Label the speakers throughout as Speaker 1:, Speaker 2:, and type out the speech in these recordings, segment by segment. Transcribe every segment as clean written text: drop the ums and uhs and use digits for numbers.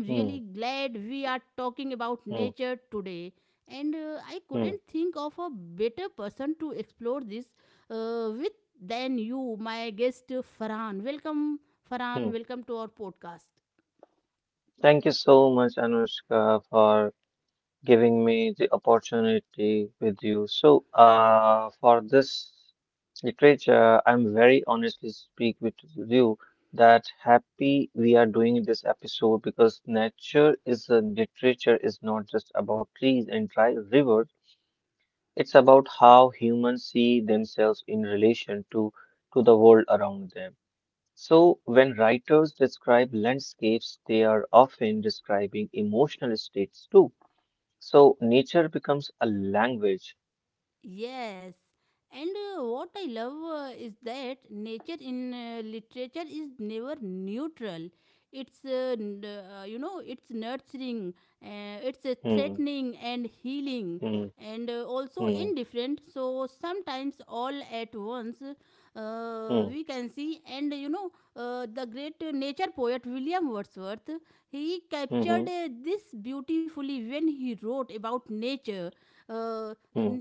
Speaker 1: Hmm, hmm, hmm, hmm. Thank you so much, Anushka, for giving me the opportunity with you. So, for this literature, I'm very honestly speak with you that happy we are doing this episode because nature is a literature is not just about trees and dry rivers. It's about how humans see themselves in relation to the world around them. So, when writers describe landscapes, they are often describing emotional states too. So, nature becomes a language. Hmm, hmm, hmm, hmm, hmm, hmm, hmm.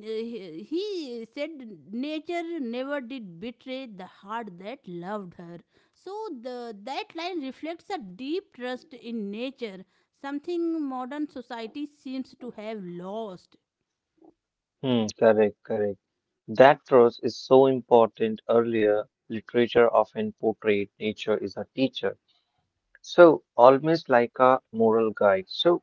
Speaker 1: Hmm. Correct, correct. That trust is so important. Earlier, literature often portrayed nature as a teacher. So, almost like a moral guide. So,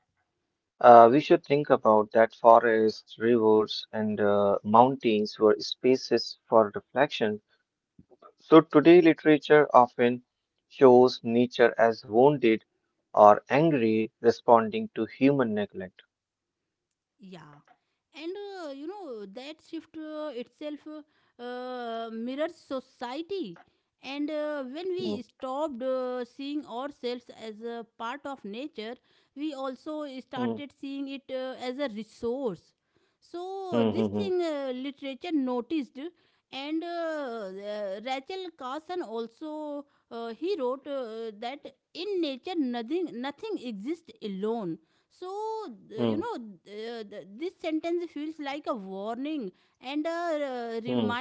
Speaker 1: we should think about that forests, rivers, and mountains were spaces for reflection. So today, literature often shows nature as wounded or angry, responding to human neglect. Hmm, hmm, hmm, hmm, hmm, hmm, hmm,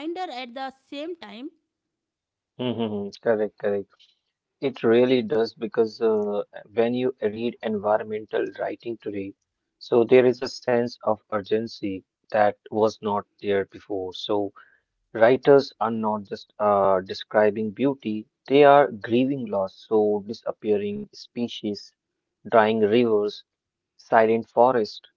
Speaker 1: hmm, hmm, hmm. Correct, correct. It really does because when you read environmental writing today, so there is a sense of urgency that was not there before. So writers are not just describing beauty; they are grieving loss, so disappearing species, drying rivers, silent forest.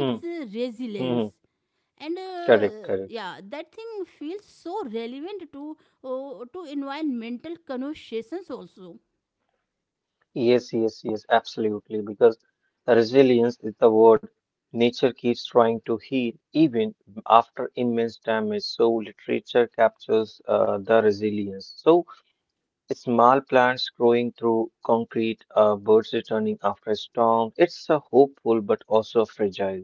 Speaker 1: Hmm, hmm. correct, correct. Yes, yes, yes, absolutely. Because resilience is the word. Nature keeps trying to heal even after immense damage. So literature captures the resilience. So small plants growing through concrete, birds returning after a storm. It's a hopeful but also fragile.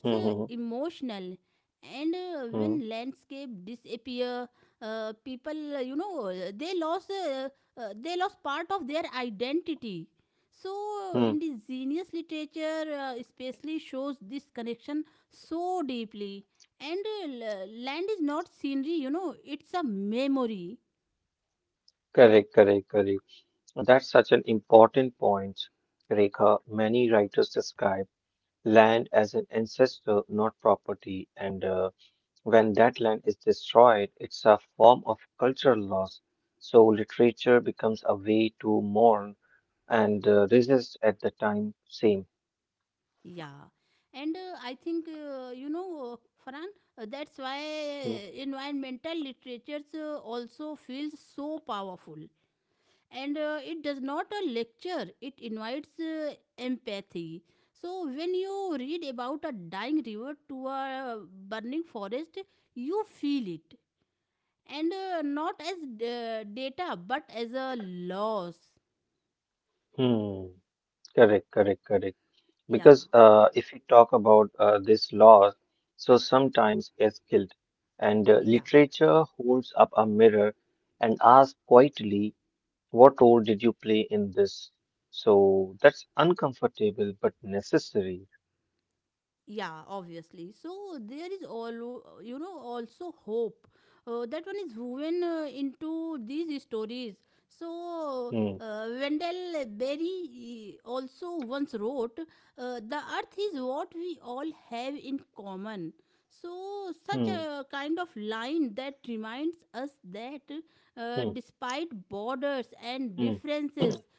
Speaker 1: Hmm, hmm, hmm, hmm. Correct, correct, correct. That's such an important point, Rekha. Many writers describe land as an ancestor, not property, and when that land is destroyed, it's a form of cultural loss. So literature becomes a way to mourn and resist at the time same. Hmm. Hmm. Correct, correct, correct. Because if we talk about this law, so sometimes it's guilt, and literature holds up a mirror and asks quietly, what role did you play in this? So that's uncomfortable but necessary. Hmm, hmm, hmm, hmm.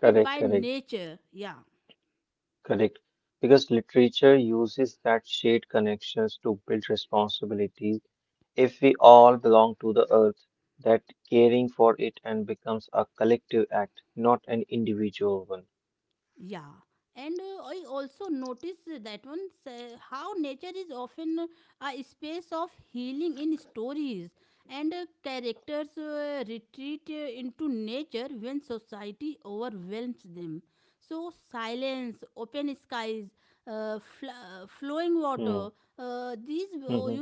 Speaker 1: Correct, correct. Correct. Because literature uses that shared connections to build responsibility. If we all belong to the earth, that caring for it and becomes a collective act, not an individual one. Hmm. hmm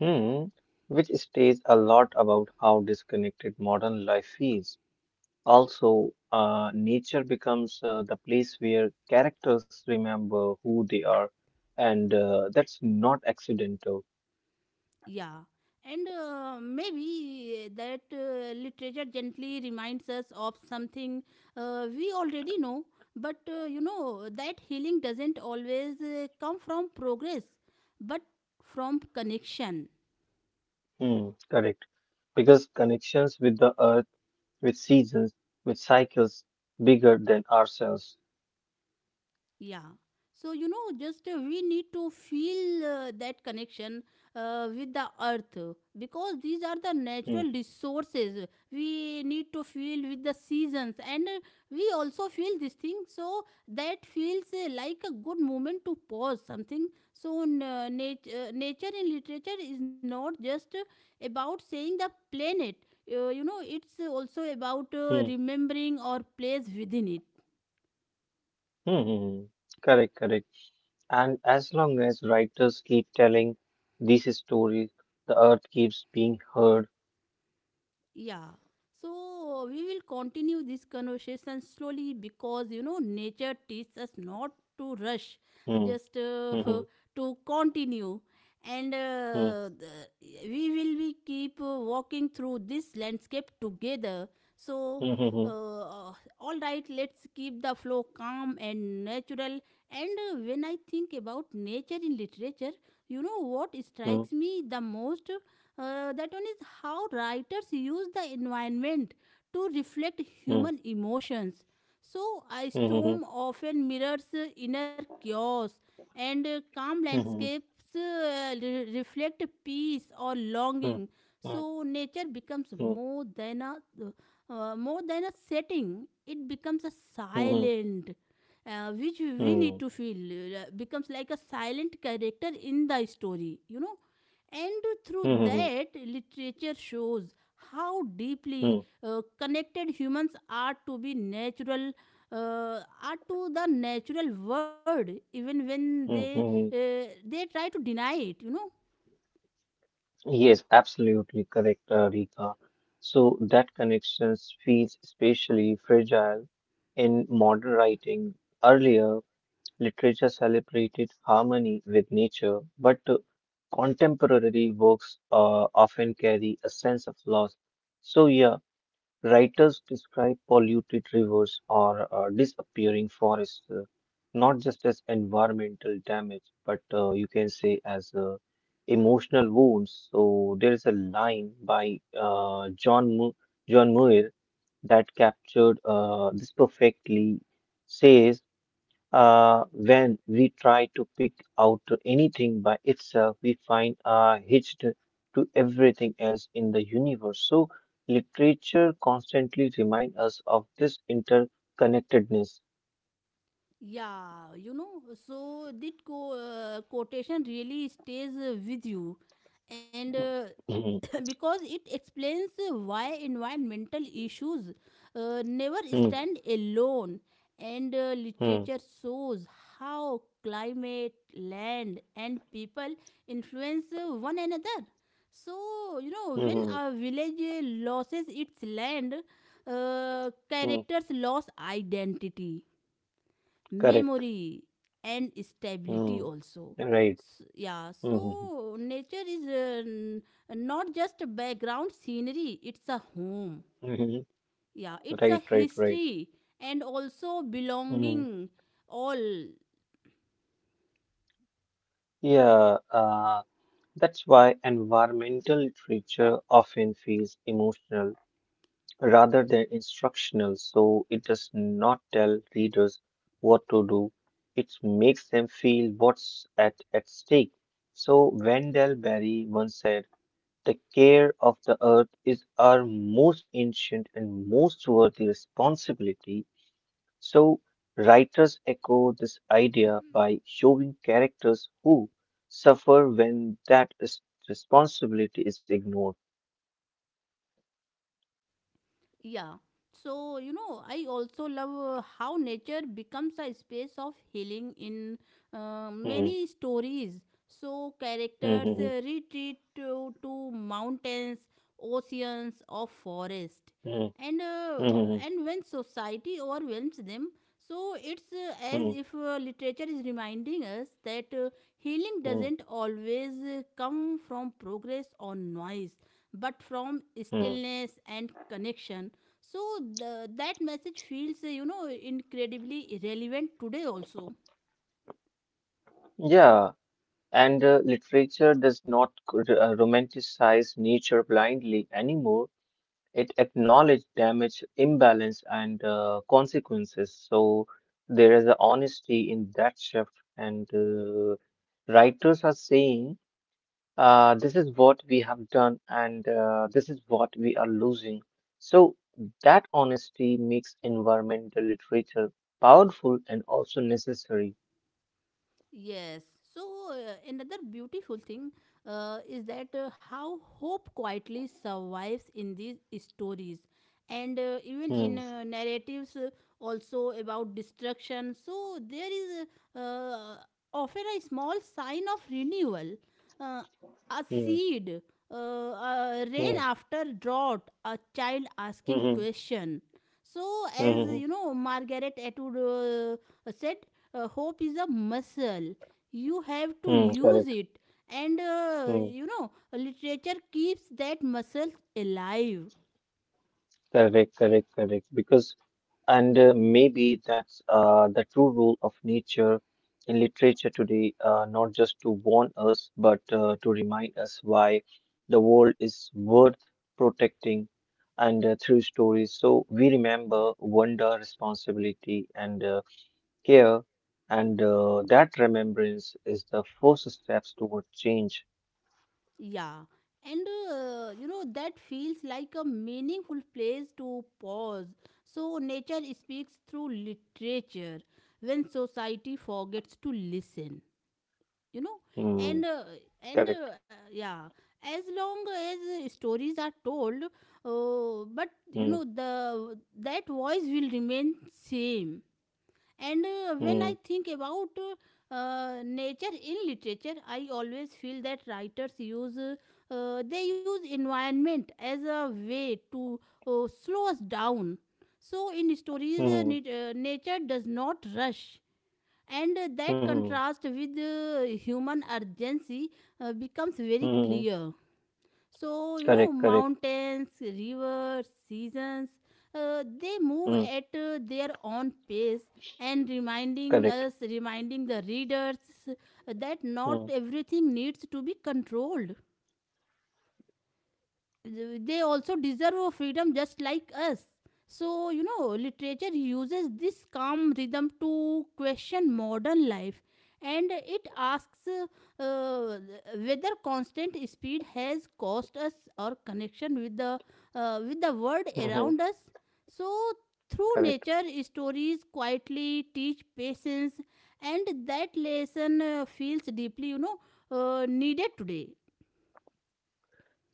Speaker 1: hmm. Which states a lot about how disconnected modern life feels. Also, nature becomes the place where characters remember who they are, and that's not accidental. Hmm. Correct. Because connections with the earth, with seasons, with cycles, bigger than ourselves. Correct, correct. And as long as writers keep telling these stories, the earth keeps being heard. Yes, absolutely correct, Rika. So that connections feels especially fragile in modern writing. Earlier, literature celebrated harmony with nature, but contemporary works often carry a sense of loss. So yeah, writers describe polluted rivers or disappearing forests. Not just as environmental damage, but you can say as emotional wounds. So there is a line by John Muir that captured this perfectly. Says, when we try to pick out anything by itself, we find hitched to everything else in the universe. So literature constantly reminds us of this interconnectedness. Mhm, mhm, mhm. Mm, correct. Mm, right. Mm-hmm. Mm-hmm. Right, right, right. Mm. Yeah, that's why environmental literature often feels emotional rather than instructional, so it does not tell readers what to do. It makes them feel what's at stake. So Wendell Berry once said, the care of the earth is our most ancient and most worthy responsibility. So, writers echo this idea by showing characters who suffer when responsibility is ignored. Hmm, hmm, hmm, hmm, hmm, hmm, hmm, hmm, hmm. Yeah, and literature does not romanticize nature blindly anymore. It acknowledges damage, imbalance, and consequences. So, there is an honesty in that shift, and writers are saying, this is what we have done, and this is what we are losing. So that honesty makes environmental literature powerful and also necessary. Hmm, hmm, hmm, hmm, hmm, hmm, hmm. correct. Hmm, correct, correct, correct. Because and maybe that's the true role of nature in literature today, not just to warn us, but to remind us why the world is worth protecting and through stories. So we remember wonder, responsibility, and care. And that remembrance is the first steps toward change. Hmm, correct. Hmm, hmm, hmm, hmm. Hmm. Correct, correct. Hmm, correct. Hmm. hmm. Hmm. Correct.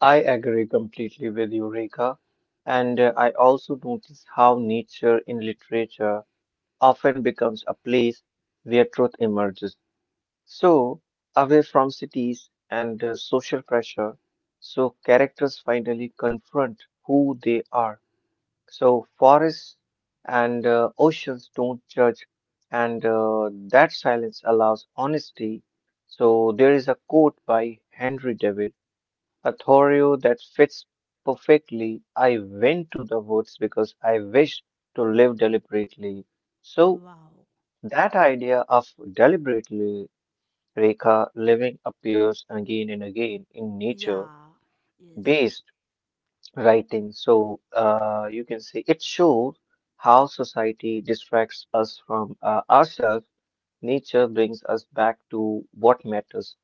Speaker 1: I agree completely with you, Rekha. And I also notice how nature in literature often becomes a place where truth emerges. So, away from cities and social pressure, so characters finally confront who they are. So, forests and oceans don't judge, and that silence allows honesty. So, there is a quote by Henry David. A Thorio that fits perfectly. I went to the woods because I wished to live deliberately. So that idea of deliberately, Rekha, living appears again and again in nature based writing. So you can say it shows how society distracts us from ourselves. Nature brings us back to what matters.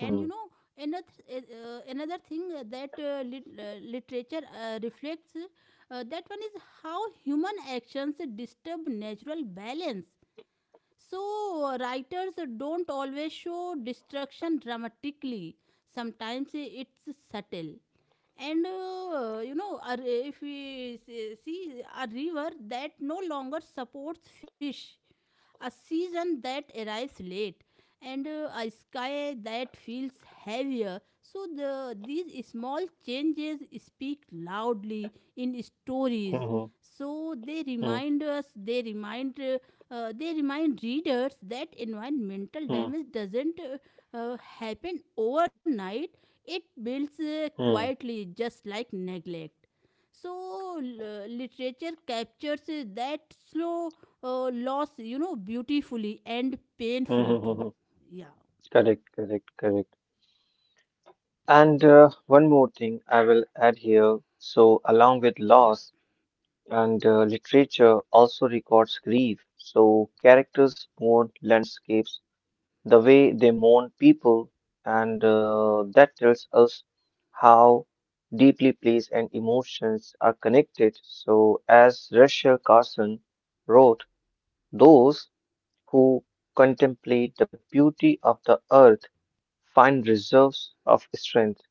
Speaker 1: Hmm. Hmm. Hmm. Hmm. Hmm. Hmm. Hmm. Hmm. Correct, correct, correct. And one more thing I will add here. So, along with loss and literature, also records grief. So, characters mourn landscapes, the way they mourn people, and that tells us how deeply place and emotions are connected. So, as Rachel Carson wrote, those who contemplate the beauty of the earth find reserves of strength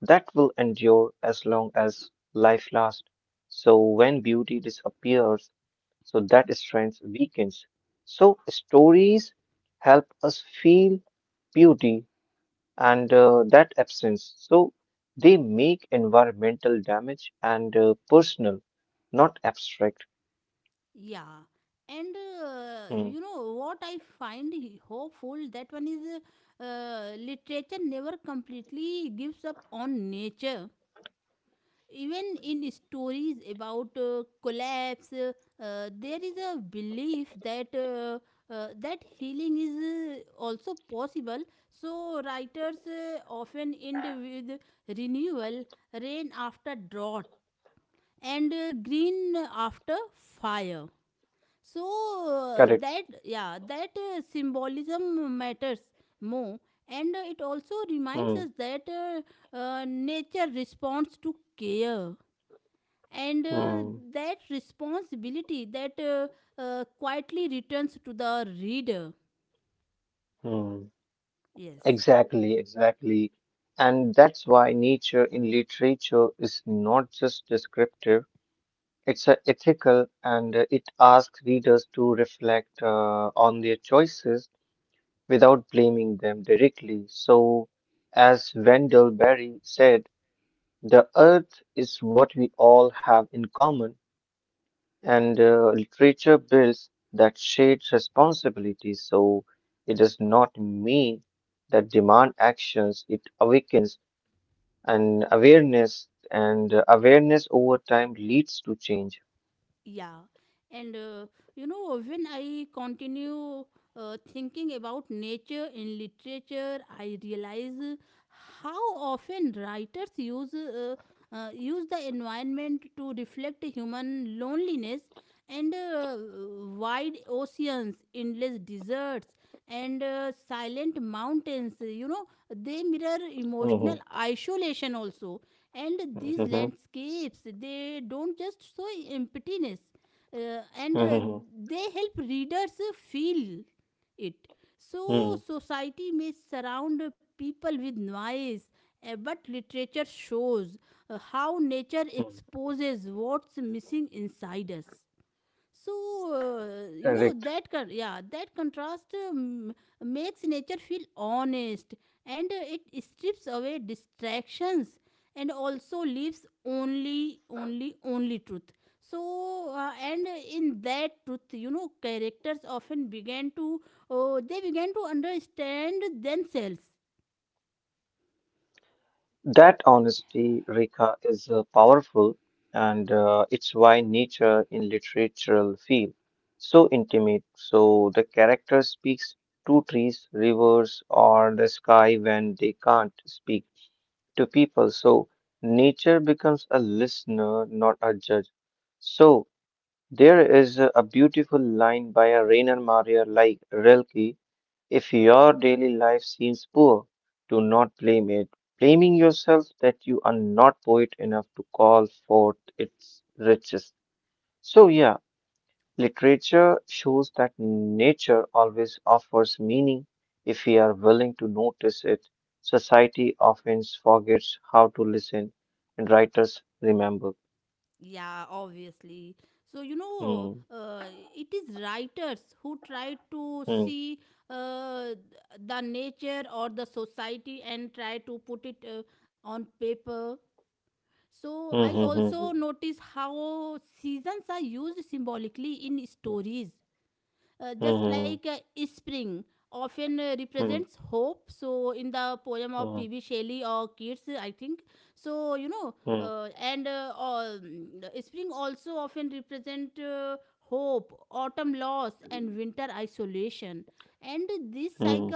Speaker 1: that will endure as long as life lasts. So when beauty disappears, so that strength weakens. So stories help us feel beauty and that absence. So they make environmental damage and personal, not abstract. Hmm. Correct. Hmm. Hmm. Hmm. Exactly, exactly. And that's why nature in literature is not just descriptive, it's ethical and it asks readers to reflect on their choices without blaming them directly. So, as Wendell Berry said, the earth is what we all have in common, and literature builds that shared responsibility. So, it does not mean that demand actions, it awakens an awareness, and awareness over time leads to change. Mhm. Mhm. Mhm. Mm, mm. Correct. That honesty, Rekha, is powerful, and it's why nature in literature feel so intimate. So the character speaks to trees, rivers, or the sky when they can't speak to people. So nature becomes a listener, not a judge. So there is a beautiful line by a Reiner Maria like Rilke. If your daily life seems poor, do not blame it. Blaming yourself that you are not poet enough to call forth its riches. So, yeah, literature shows that nature always offers meaning if we are willing to notice it. Society often forgets how to listen, and writers remember. Hmm, hmm, hmm, hmm, hmm, hmm, hmm, hmm, hmm, hmm, hmm, hmm,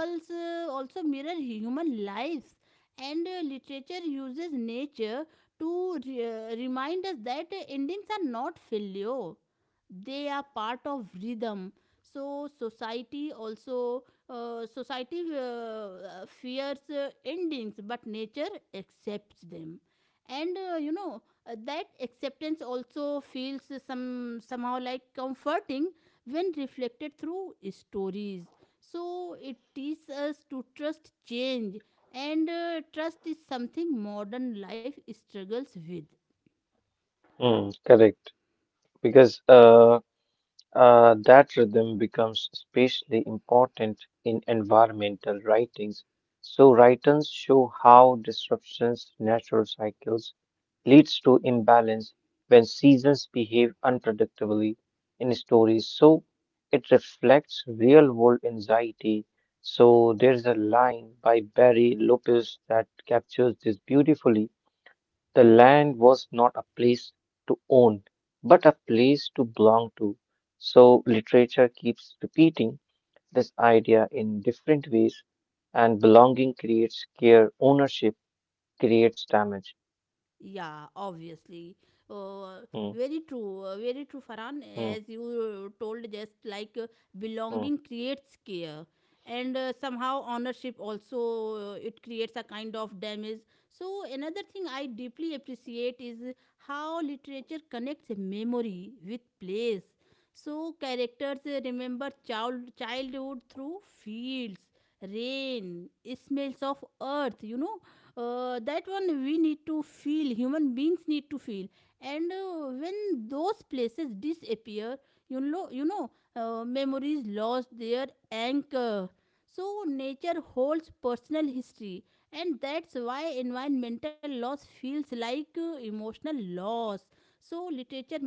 Speaker 1: hmm, Correct. Because, that rhythm becomes especially important in environmental writings. So writers show how disruptions, natural cycles, leads to imbalance when seasons behave unpredictably in stories. So it reflects real-world anxiety. So there's a line by Barry Lopez that captures this beautifully. The land was not a place to own, but a place to belong to. So literature keeps repeating this idea in different ways, and belonging creates care, ownership creates damage. Hmm, hmm, hmm,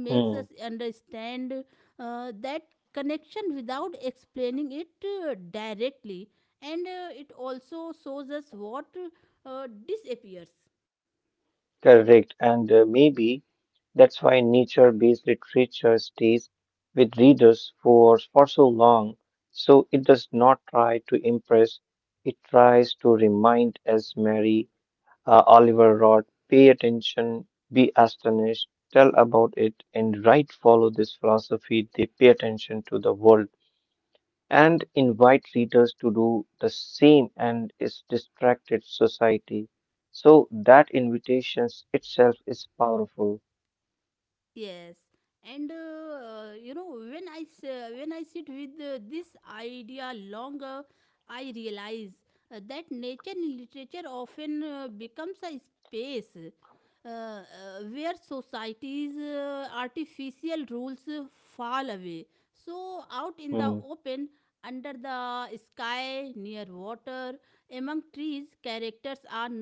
Speaker 1: hmm. Correct, and maybe that's why nature-based literature stays with readers for so long. So it does not try to impress; it tries to remind, as Mary Oliver wrote, pay attention, be astonished, tell about it, and write. Follow this philosophy. They pay attention to the world and invite readers to do the same and its distracted society. So that invitation itself is powerful. Hmm.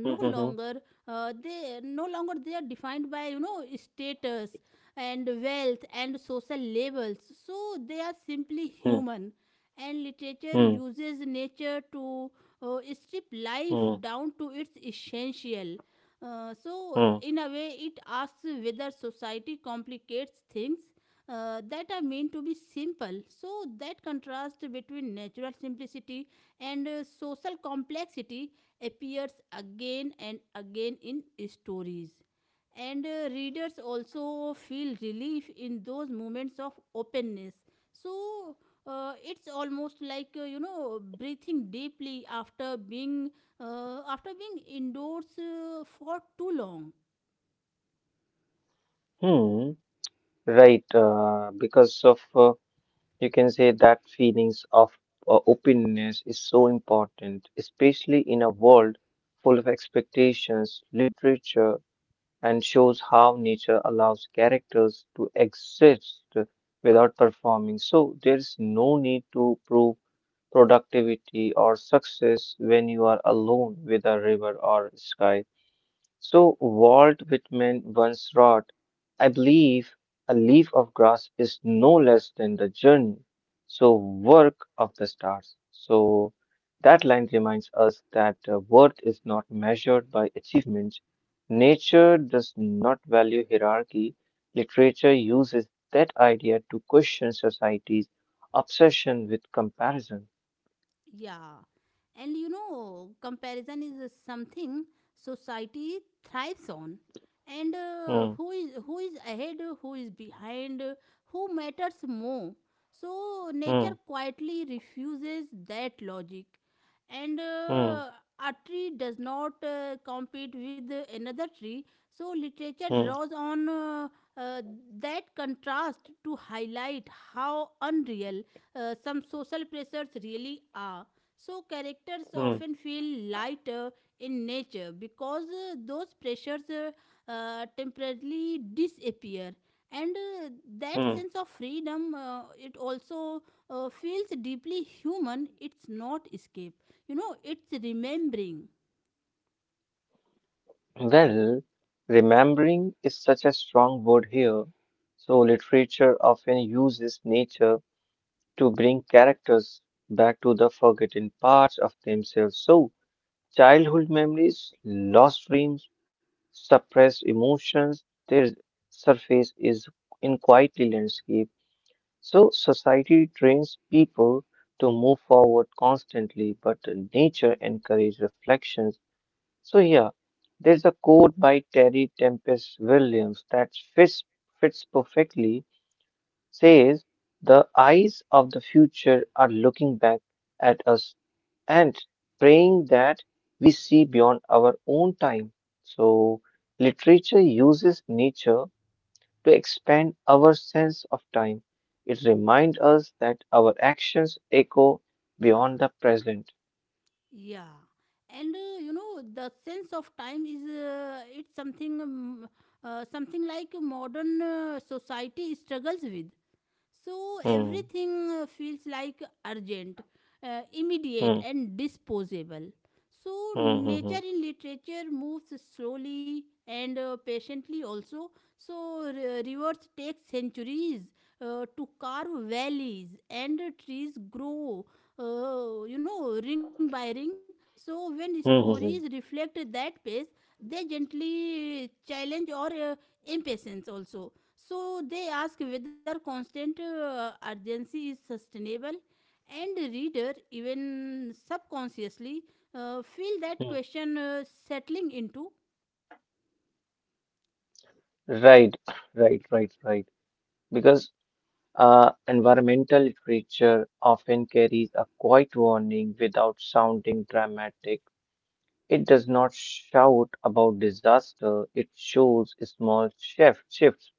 Speaker 1: Hmm. Hmm. Hmm. Hmm. Hmm. Hmm. hmm. hmm. Right, because of you can say that feelings of openness is so important, especially in a world full of expectations, literature, and shows how nature allows characters to exist without performing. So there is no need to prove productivity or success when you are alone with a river or sky. So Walt Whitman once wrote, I believe a leaf of grass is no less than the journey, so work of the stars. So that line reminds us that worth is not measured by achievements. Nature does not value hierarchy. Literature uses that idea to question society's obsession with comparison. Hmm, hmm, hmm, hmm, hmm, hmm. Well, remembering is such a strong word here, so literature often uses nature to bring characters back to the forgotten parts of themselves. So, childhood memories, lost dreams, suppressed emotions, their surface is in quietly landscape. So, society trains people to move forward constantly, but nature encourages reflections, so yeah, there's a quote by Terry Tempest Williams that fits perfectly. Says the eyes of the future are looking back at us and praying that we see beyond our own time. So literature uses nature to expand our sense of time. It reminds us that our actions echo beyond the present. Hmm. Hmm. Hmm. Hmm. Hmm. Hmm. Hmm. hmm. hmm. Right, right. Because environmental literature often carries a quiet warning without sounding dramatic. It does not shout about disaster, it shows shifts.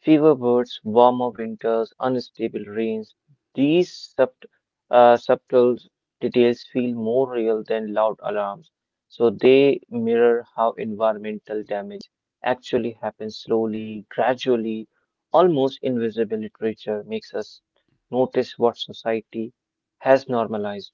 Speaker 1: Fever birds, warmer winters, unstable rains. These subt- subtle details feel more real than loud alarms. So they mirror how environmental damage actually happens slowly, gradually, almost invisible. Literature makes us notice what society has normalized.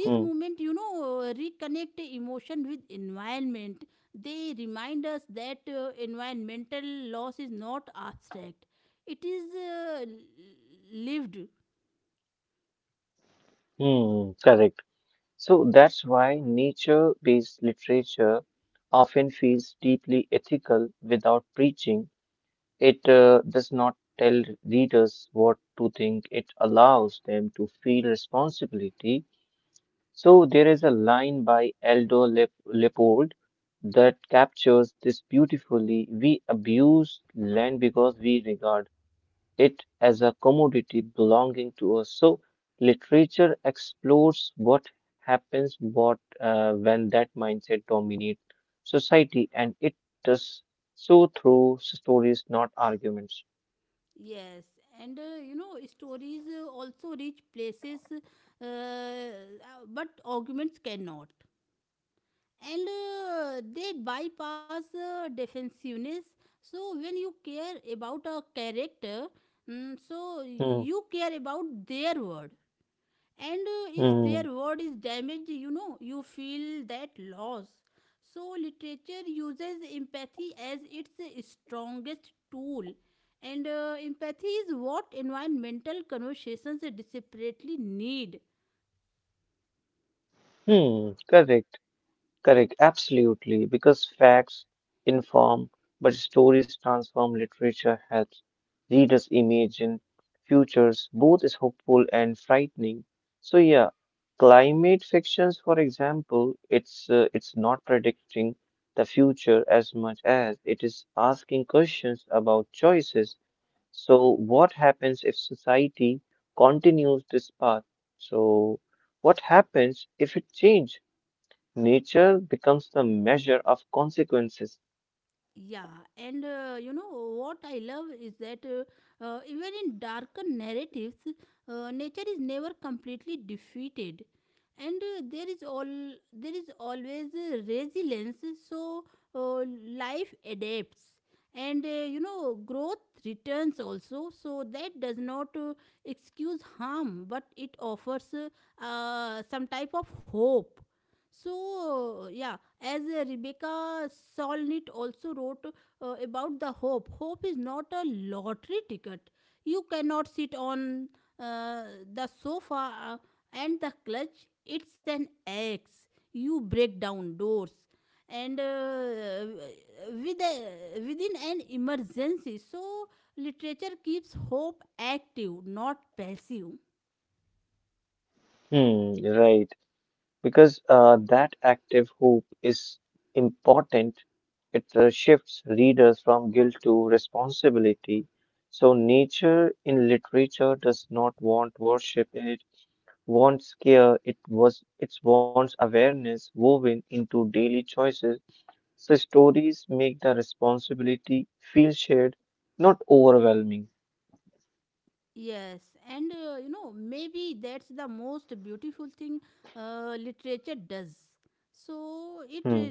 Speaker 1: Hmm. Hmm. Correct. So that's why nature based literature often feels deeply ethical without preaching. It does not tell readers what to think, it allows them to feel responsibility. So, there is a line by Aldo Leopold that captures this beautifully. We abuse land because we regard it as a commodity belonging to us. So, literature explores what happens what, when that mindset dominates society, and it does so through stories, not arguments. Hmm. Hmm. Hmm. correct, correct, absolutely. Because facts inform, but stories transform. Literature helps readers imagine futures, both is hopeful and frightening. So yeah, climate fictions, for example, it's not predicting the future as much as it is asking questions about choices. So, what happens if society continues this path? So, what happens if it changes? Nature becomes the measure of consequences. Right. Because that active hope is important. It shifts readers from guilt to responsibility. So, nature in literature does not want worship. It wants care. It was. It wants awareness woven into daily choices. So stories make the responsibility feel shared, not overwhelming. Hmm.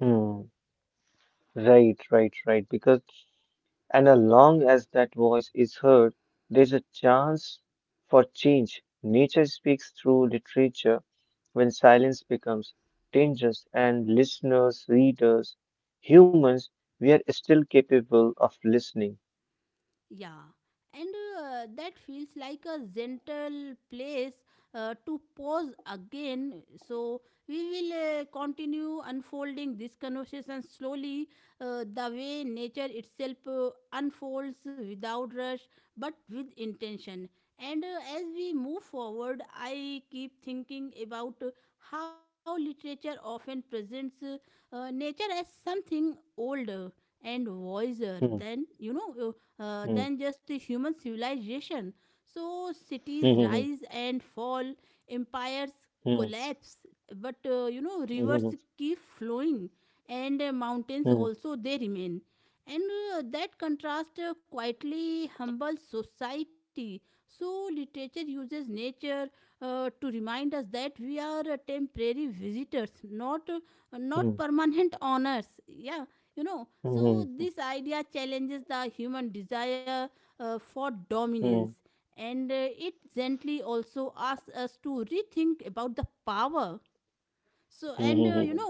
Speaker 1: Hmm. Right, right, right. Because and as long as that voice is heard, there's a chance for change. Nature speaks through literature when silence becomes dangerous, and listeners, readers, humans, we are still capable of listening. Hmm. Hmm. Hmm. Hmm. Hmm. Hmm. Hmm. Hmm. Hmm. Hmm. Hmm. Hmm. hmm, hmm.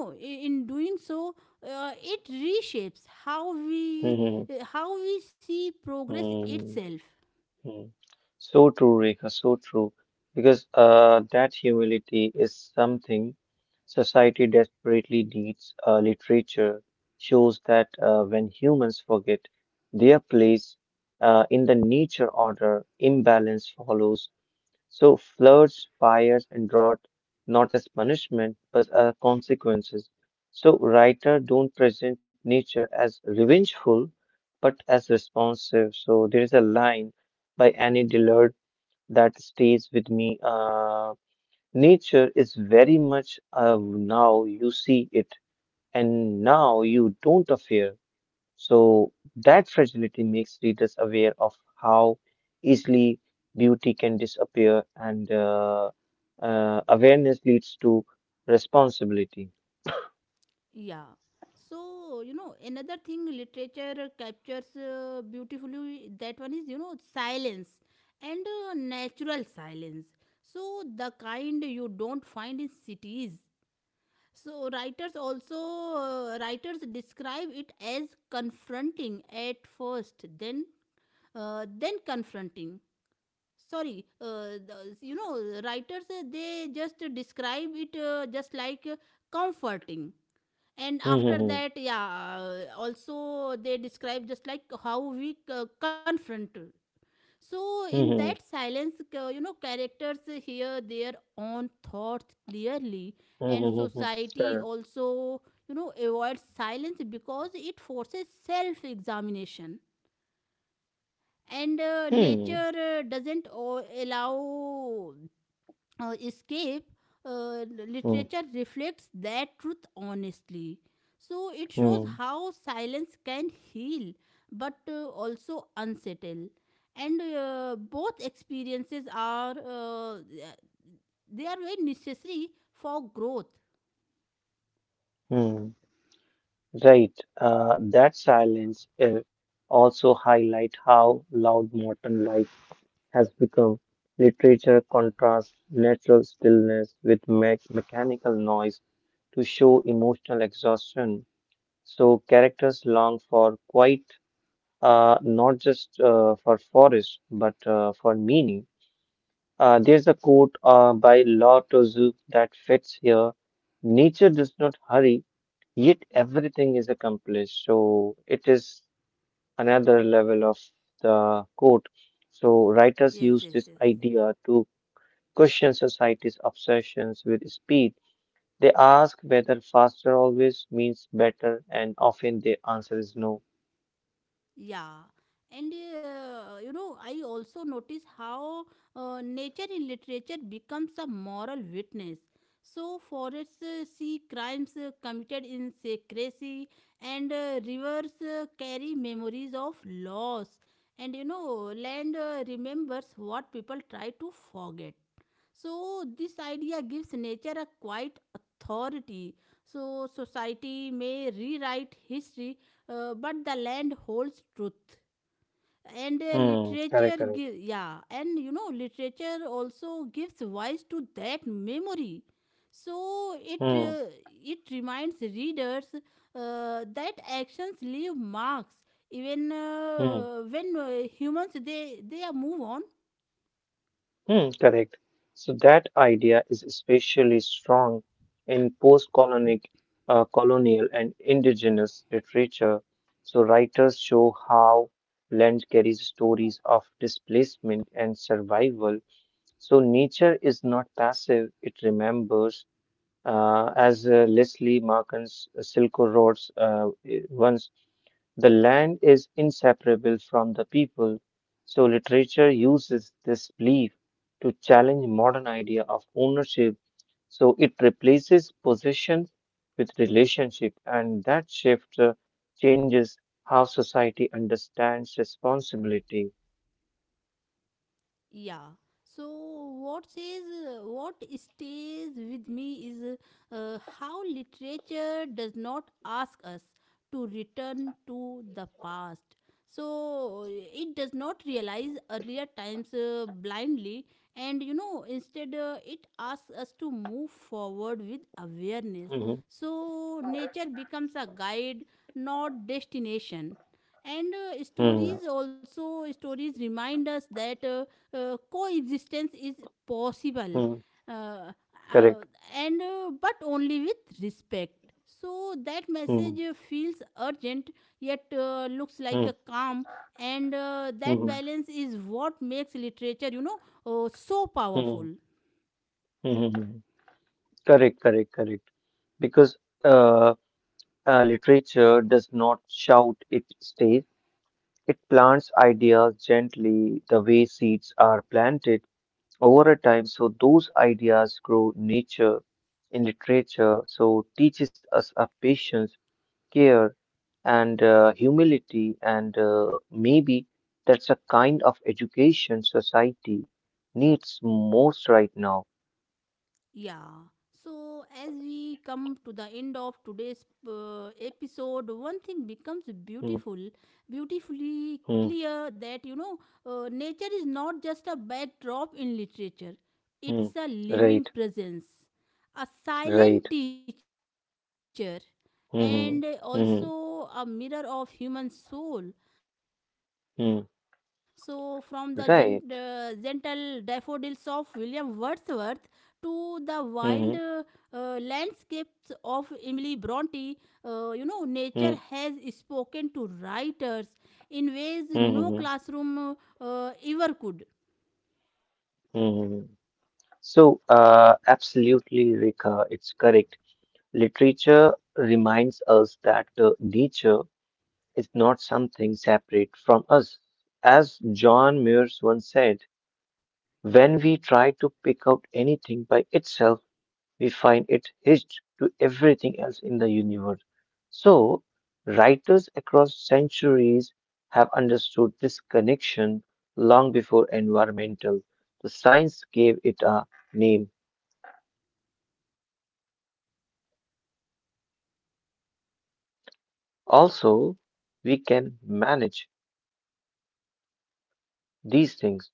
Speaker 1: hmm hmm hmm. hmm. So true, Rekha, so true. Because that humility is something society desperately needs. Literature shows that when humans forget their place in the nature order, imbalance follows. So floods, fires, and drought not as punishment but as consequences. So writer don't present nature as revengeful but as responsive. So there is a line by Annie Dillard that stays with me. Nature is very much now you see it and now you don't affair. So that fragility makes readers aware of how easily beauty can disappear, and awareness leads to responsibility. Hmm. Hmm. Hmm. Hmm. hmm, hmm, Correct. Hmm. Hmm. Hmm. hmm. hmm, hmm, hmm. Right. That silence also highlight how loud modern life has become. Literature contrasts natural stillness with me mechanical noise to show emotional exhaustion. So characters long for quiet, not just for forest, but for meaning. There's a quote by Lao Tzu that fits here. Nature does not hurry, yet everything is accomplished. So it is another level of the quote. So writers use this idea to question society's obsessions with speed. They ask whether faster always means better, and often the answer is no. Correct, correct. Hmm, hmm, correct. So that idea is especially strong in colonial and indigenous literature. So writers show how land carries stories of displacement and survival. So nature is not passive, it remembers. As Leslie Markin's Silko Roads once, the land is inseparable from the people, so literature uses this belief to challenge modern idea of ownership. So it replaces possession with relationship, and that shift changes how society understands responsibility. Mhm. Mhm. Mhm. Correct. Mhm. Mhm. Mhm. Mhm. Mhm. Correct. Correct. Correct. Because uh, literature does not shout, it stays. It plants ideas gently, the way seeds are planted over a time, so those ideas grow nature in literature. So teaches us a patience, care, and humility, and maybe that's a kind of education society needs most right now. Hmm, hmm, hmm. Right, right. Hmm, hmm, hmm. hmm. Right. Mm-hmm. Mm-hmm. Mm-hmm. Mm-hmm. So, absolutely, Rika, it's correct. Literature reminds us that nature is not something separate from us. As John Muir once said, when we try to pick out anything by itself, we find it hitched to everything else in the universe. So, writers across centuries have understood this connection long before environmental. The science gave it a name. Also, we can manage these things.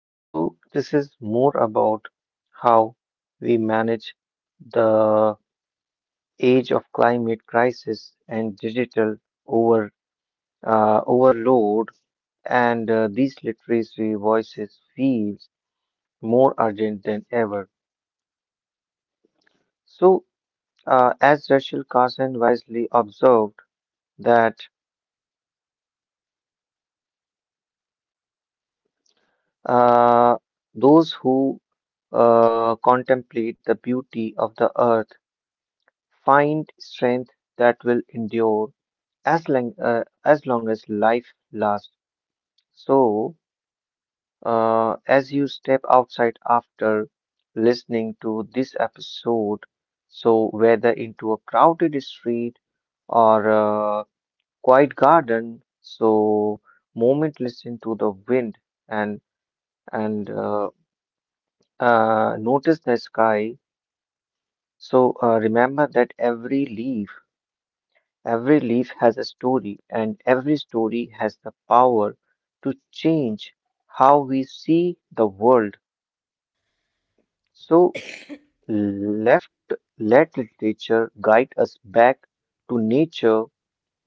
Speaker 1: So, this is more about how we manage the age of climate crisis and digital over overload, and these literacy voices feels more urgent than ever. So, as Rachel Carson wisely observed, that uh, those who contemplate the beauty of the earth find strength that will endure as long as life lasts. So. As you step outside after listening to this episode, so whether into a crowded street or a quiet garden, so moment listen to the wind and and notice the sky. So remember that every leaf has a story, and every story has the power to change how we see the world. So left, let literature guide us back to nature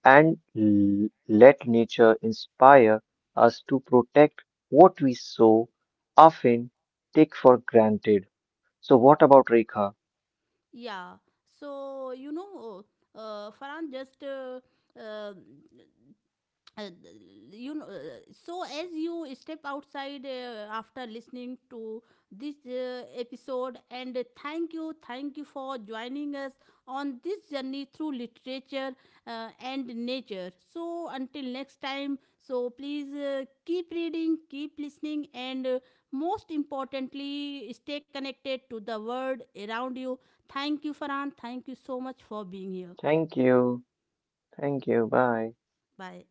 Speaker 1: and let nature inspire us to protect what we so often take for granted. So, what about Rekha?
Speaker 2: Yeah. So, you know, Farhan just uh, uh, you know so as you step outside, after listening to this episode, and thank you, thank you, for joining us on this journey through literature and nature. So until next time, so please, keep reading, keep listening, and most importantly, stay connected to the world around you. Thank you, Farhan. Thank you so much for being here.
Speaker 1: Thank you. Thank you. Bye.
Speaker 2: Bye.